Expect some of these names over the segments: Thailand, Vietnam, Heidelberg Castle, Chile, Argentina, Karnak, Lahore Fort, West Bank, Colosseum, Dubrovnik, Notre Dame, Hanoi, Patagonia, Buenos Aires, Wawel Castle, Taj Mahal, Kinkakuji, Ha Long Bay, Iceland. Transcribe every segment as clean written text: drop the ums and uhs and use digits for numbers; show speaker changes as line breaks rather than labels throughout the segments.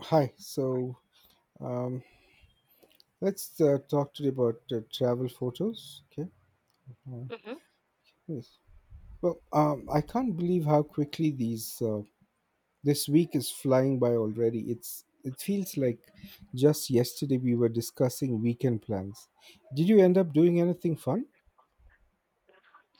Hi. So um, let's talk today about travel photos. Okay. Uh,
Mhm.
yes. I can't believe how quickly these this week is flying by already. It feels like just yesterday we were discussing weekend plans. Did you end up doing anything fun?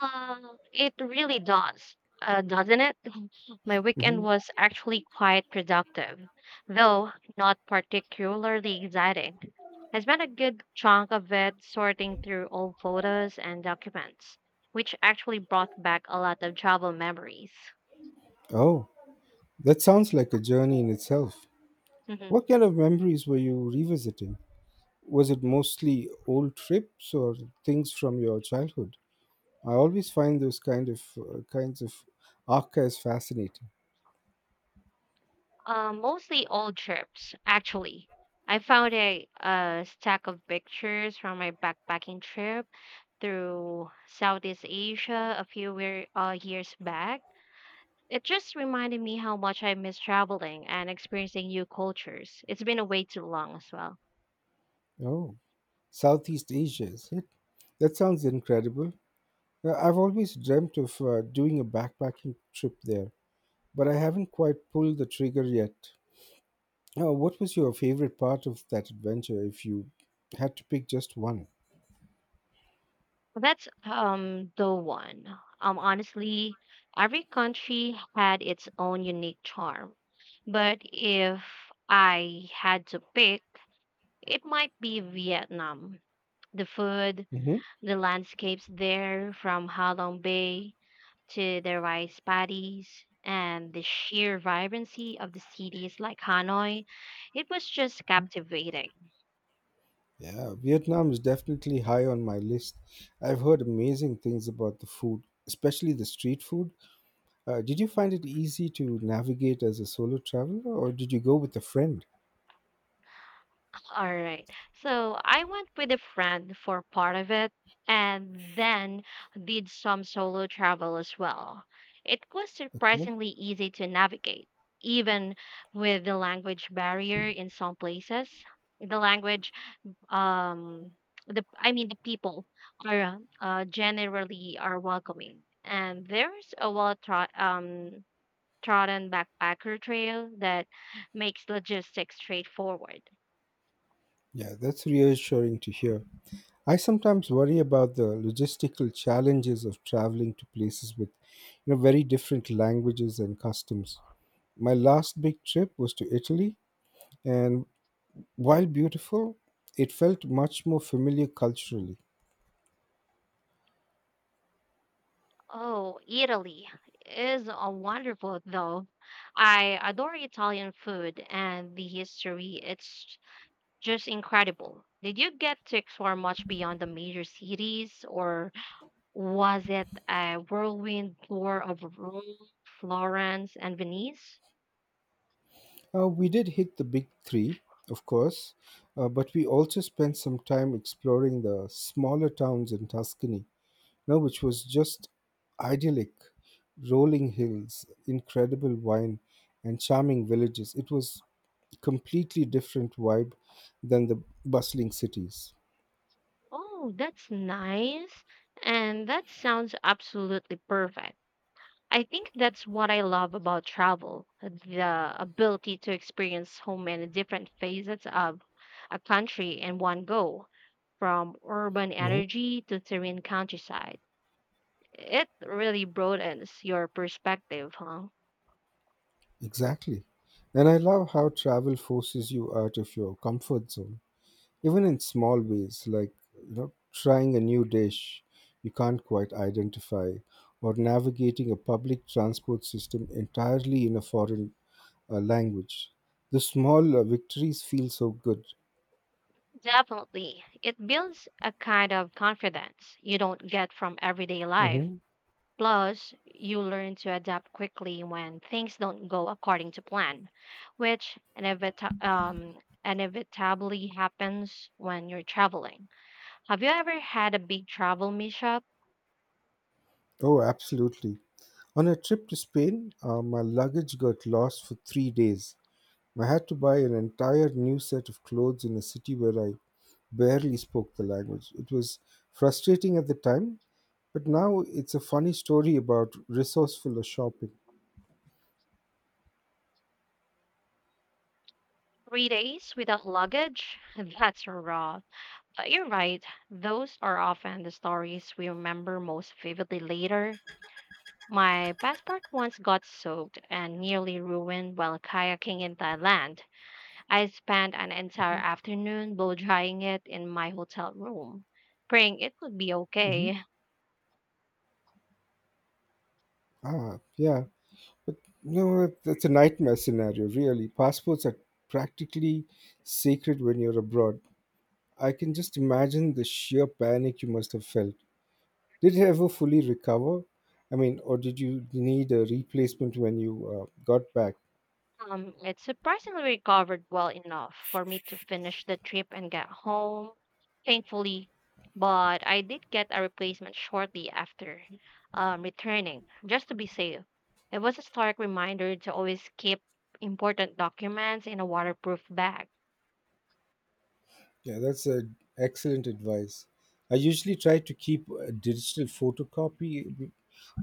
It really does, doesn't it? My
Hmm.
weekend was actually quite productive, though not particularly exciting. I spent a good chunk of it sorting through old photos and documents, which actually brought back a lot of travel memories.
Oh, that sounds like a journey in itself.
Mhm.
What kind of memories were you revisiting? Was it mostly old trips or things from your childhood? I always find those kind of kinds of archives fascinating.
Mostly old trips, actually. I found a stack of pictures from my backpacking trip through Southeast Asia a few years back. It just reminded me how much I miss traveling and experiencing new cultures. It's been away too long as well.
Oh, Southeast Asia, is it? That sounds incredible. I've always dreamt of doing a backpacking trip there, but I haven't quite pulled the trigger yet. What was your favorite part of that adventure if you had to pick just one?
That's the one. Honestly, every country had its own unique charm. But if I had to pick, it might be Vietnam. The food,
Hmm.
the landscapes there from Ha Long Bay to the rice paddies and the sheer vibrancy of the cities like Hanoi. It was just captivating.
Yeah, Vietnam is definitely high on my list. I've heard amazing things about the food, especially the street food. Did you find it easy to navigate as a solo traveler, or did you go with a friend?
All right. So I went with a friend for part of it and then did some solo travel as well. It was
Okay.
surprisingly easy to navigate, even with the language barrier in some places. The language um the I mean The people are generally are welcoming, and there's a well trot trodden backpacker trail that makes logistics straightforward.
Yeah, that's reassuring to hear. I sometimes worry about the logistical challenges of traveling to places with very different languages and customs. My last big trip was to Italy, and while beautiful, it felt much more familiar culturally.
Oh, Italy is a wonderful, though. I adore Italian food and the history. It's just incredible. Did you get to explore much beyond the major cities, or was it a whirlwind tour of Rome, Florence, and Venice?
We did hit the big three, of course, but we also spent some time exploring the smaller towns in Tuscany, no, which was just idyllic. Rolling hills, incredible wine, and charming villages. It was completely different vibe than the bustling cities.
Oh, that's nice. And that sounds absolutely perfect. I think that's what I love about travel, the ability to experience so many different facets of a country in one go, from urban
Hmm.
energy to serene countryside. It really broadens your perspective, huh?
Exactly. And I love how travel forces you out of your comfort zone, even in small ways, like trying a new dish you can't quite identify, or navigating a public transport system entirely in a foreign language. The small victories feel so good.
Definitely. It builds a kind of confidence you don't get from everyday
Hmm.
life. Plus, you learn to adapt quickly when things don't go according to plan, which inevitably happens when you're traveling. Have you ever had a big travel mishap?
Oh, absolutely. On a trip to Spain, my luggage got lost for 3 days. I had to buy an entire new set of clothes in a city where I barely spoke the language. It was frustrating at the time, but now it's a funny story about resourceful shopping.
3 days without luggage? That's rough. But you're right, those are often the stories we remember most vividly later. My passport once got soaked and nearly ruined while kayaking in Thailand. I spent an entire afternoon blow drying it in my hotel room, praying it would be
Hmm.
okay.
Ah, yeah. But that's a nightmare scenario, really. Passports are practically sacred when you're abroad. I can just imagine the sheer panic you must have felt. Did you ever fully recover? I mean, or did you need a replacement when you got back?
It surprisingly recovered well enough for me to finish the trip and get home, thankfully. But I did get a replacement shortly after returning, just to be safe. It was a stark reminder to always keep important documents in a waterproof bag.
Yeah, that's a excellent advice. I usually try to keep a digital photocopy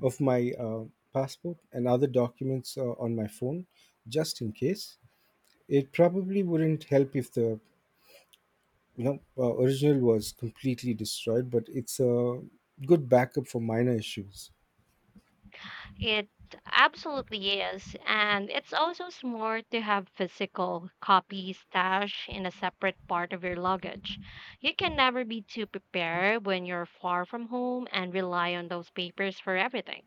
of my passport and other documents on my phone, just in case. It probably wouldn't help if the original was completely destroyed, but it's a good backup for minor issues.
It absolutely is. And it's also smart to have physical copies stashed in a separate part of your luggage. You can never be too prepared when you're far from home and rely on those papers for everything.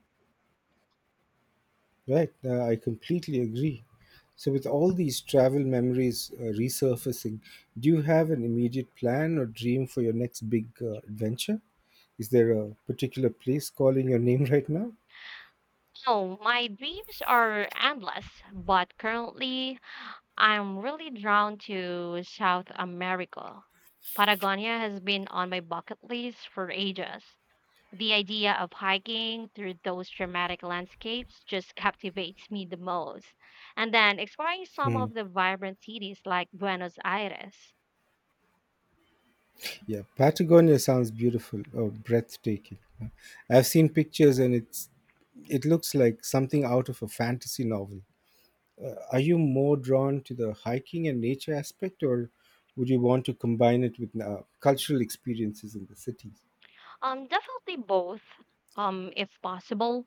Right, I completely agree. So, with all these travel memories resurfacing, do you have an immediate plan or dream for your next big adventure? Is there a particular place calling your name right now?
Oh, my dreams are endless, but currently I'm really drawn to South America. Patagonia has been on my bucket list for ages. The idea of hiking through those dramatic landscapes just captivates me the most. And then exploring some
Hmm.
of the vibrant cities like Buenos Aires.
Yeah, Patagonia sounds beautiful or breathtaking. I've seen pictures and it looks like something out of a fantasy novel. Are you more drawn to the hiking and nature aspect, or would you want to combine it with cultural experiences in the cities?
Definitely both, if possible.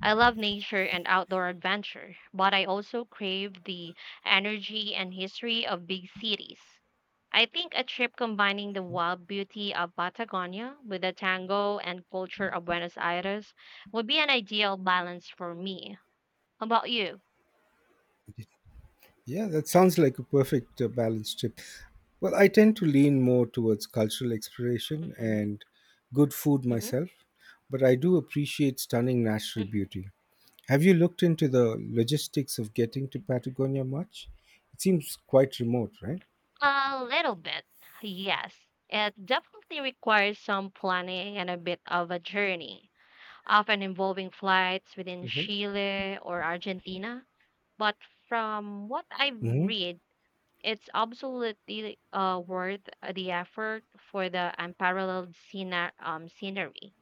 I love nature and outdoor adventure, but I also crave the energy and history of big cities. I think a trip combining the wild beauty of Patagonia with the tango and culture of Buenos Aires would be an ideal balance for me. How about you?
Yeah, that sounds like a perfect balanced trip. Well, I tend to lean more towards cultural exploration
Mm-hmm.
and good food
Mm-hmm.
myself, but I do appreciate stunning natural beauty. Have you looked into the logistics of getting to Patagonia much? It seems quite remote, right?
A little bit, yes. It definitely requires some planning and a bit of a journey, often involving flights within
Hmm.
Chile or Argentina. But from what I
Hmm.
read, it's absolutely worth the effort for the unparalleled scenery.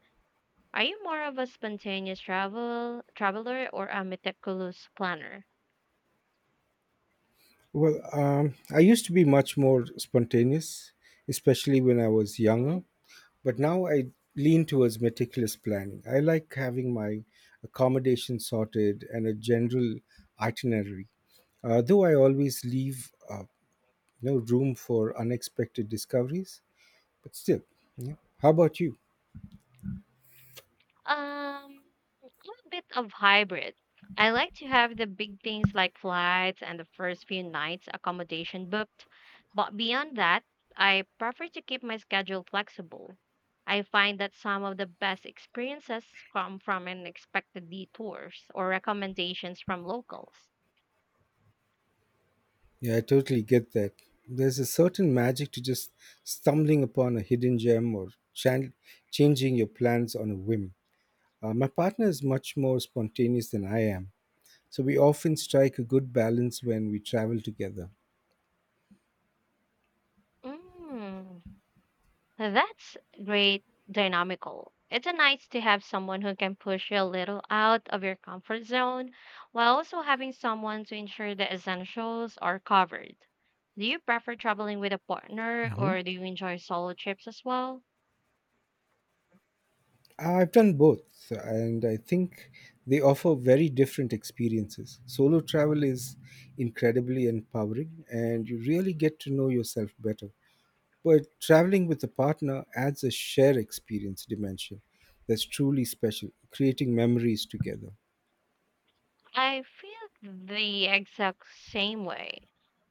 Are you more of a spontaneous traveler or a meticulous planner?
I used to be much more spontaneous, especially when I was younger. But now I lean towards meticulous planning. I like having my accommodation sorted and a general itinerary, though I always leave no room for unexpected discoveries. But still, yeah. How about you?
Um, I'm a bit of hybrid. I like to have the big things like flights and the first few nights accommodation booked, but beyond that, I prefer to keep my schedule flexible. I find that some of the best experiences come from unexpected detours or recommendations from locals.
Yeah, I totally get that. There's a certain magic to just stumbling upon a hidden gem or changing your plans on a whim. My partner is much more spontaneous than I am, so we often strike a good balance when we travel together.
Mm. Now that's great dynamical. It's a nice to have someone who can push you a little out of your comfort zone while also having someone to ensure the essentials are covered. Do you prefer traveling with a partner,
Mhm.
or do you enjoy solo trips as well?
I've done both, so, and I think they offer very different experiences. Solo travel is incredibly empowering, and you really get to know yourself better. But traveling with a partner adds a shared experience dimension that's truly special, creating memories together.
I feel the exact same way.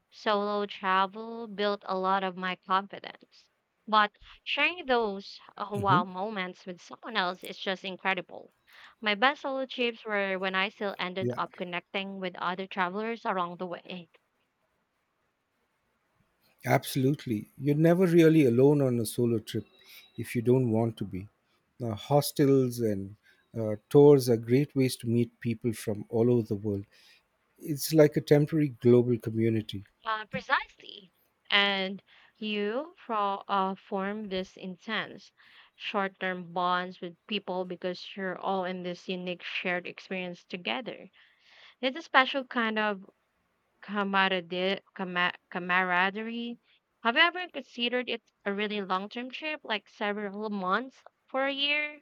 Solo travel built a lot of my confidence. But sharing those
Mhm.
wow moments with someone else is just incredible. My best solo trips were when I still ended
Yeah,
up connecting with other travelers along the way.
absolutely. You're never really alone on a solo trip if you don't want to be. Now, hostels and tours are great ways to meet people from all over the world. It's like a temporary global community.
Precisely. And you form this intense short term bonds with people because you're all in this unique shared experience together. It's a special kind of camaraderie. Have you ever considered it a really long term trip, like several months for a year?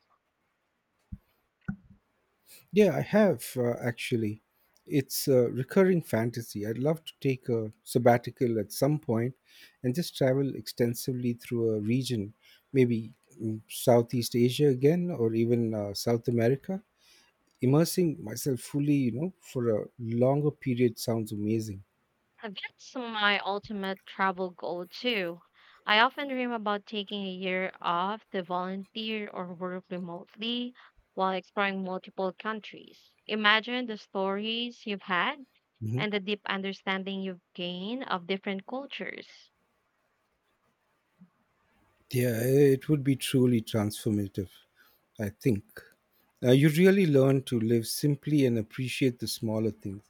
Yeah, I have actually. It's a recurring fantasy. I'd love to take a sabbatical at some point and just travel extensively through a region, maybe Southeast Asia again, or even South America. Immersing myself fully, for a longer period sounds amazing.
And that's my ultimate travel goal, too. I often dream about taking a year off to volunteer or work remotely while exploring multiple countries. Imagine the stories you've had
Mm-hmm.
and the deep understanding you've gained of different cultures.
Yeah, it would be truly transformative, I think. You really learn to live simply and appreciate the smaller things.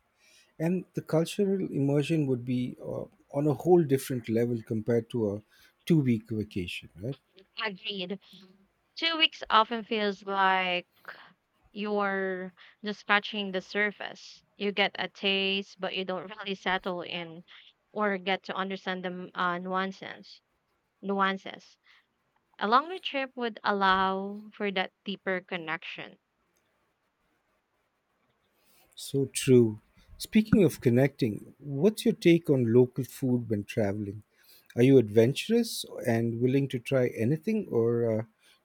And the cultural immersion would be on a whole different level compared to a 2 week vacation, right?
Agreed. 2 weeks often feels like you're just scratching the surface. You get a taste, but you don't really settle in or get to understand the nuances. Nuances. A longer trip would allow for that deeper connection.
So true. Speaking of connecting, what's your take on local food when traveling? Are you adventurous and willing to try anything, or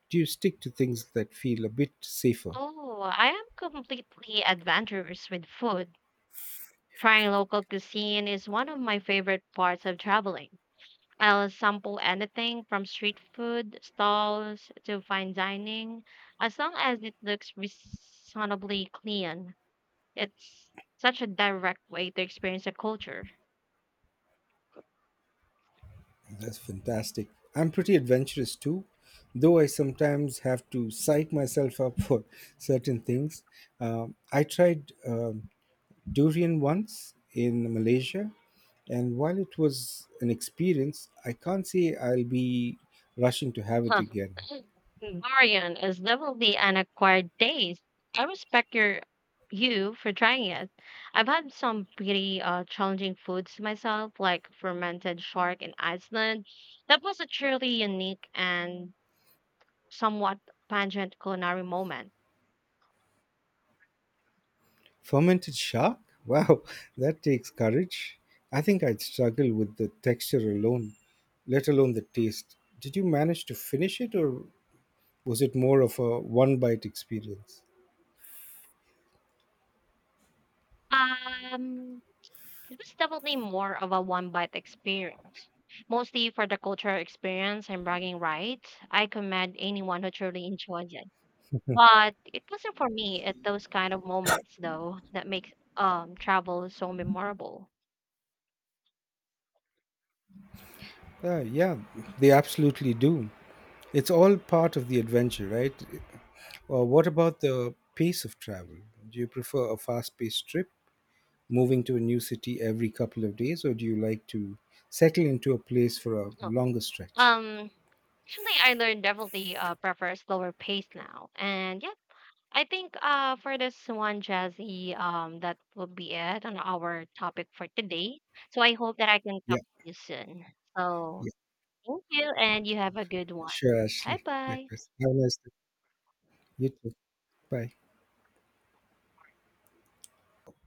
do you stick to things that feel a bit safer?
Oh, I am completely adventurous with food. Trying local cuisine is one of my favorite parts of traveling. I'll sample anything from street food stalls to fine dining, as long as it looks reasonably clean. It's such a direct way to experience a culture.
That's fantastic. I'm pretty adventurous too, though I sometimes have to psych myself up for certain things. I tried durian once in Malaysia, and while it was an experience, I can't say I'll be rushing to have it
Huh.
again.
Dorian is definitely an acquired taste. I respect you for trying it. I've had some pretty challenging foods myself, like fermented shark in Iceland. That was a truly unique and somewhat pungent culinary moment.
Fermented shark? Wow, that takes courage. I think I'd struggle with the texture alone, let alone the taste. Did you manage to finish it, or was it more of a one bite experience?
Um, It was definitely more of a one bite experience. Mostly for the cultural experience and bragging rights. I commend anyone who truly enjoys it. But it wasn't for me at those kind of moments, though, that makes travel so memorable.
Yeah, they absolutely do. It's all part of the adventure, right? What about the pace of travel? Do you prefer a fast paced trip moving to a new city every couple of days, or do you like to settle into a place for a
No.
longer stretch?
Um Actually, I learned definitely prefer a slower pace now. And yeah, I think for this one, Jazzy, that will be it on our topic for today. So I hope that I can
yeah
talk to you soon. So
yeah
thank you, and you have a good one.
Sure,
Bye
Ashley,
bye.
likewise, have a nice day. You too. Bye.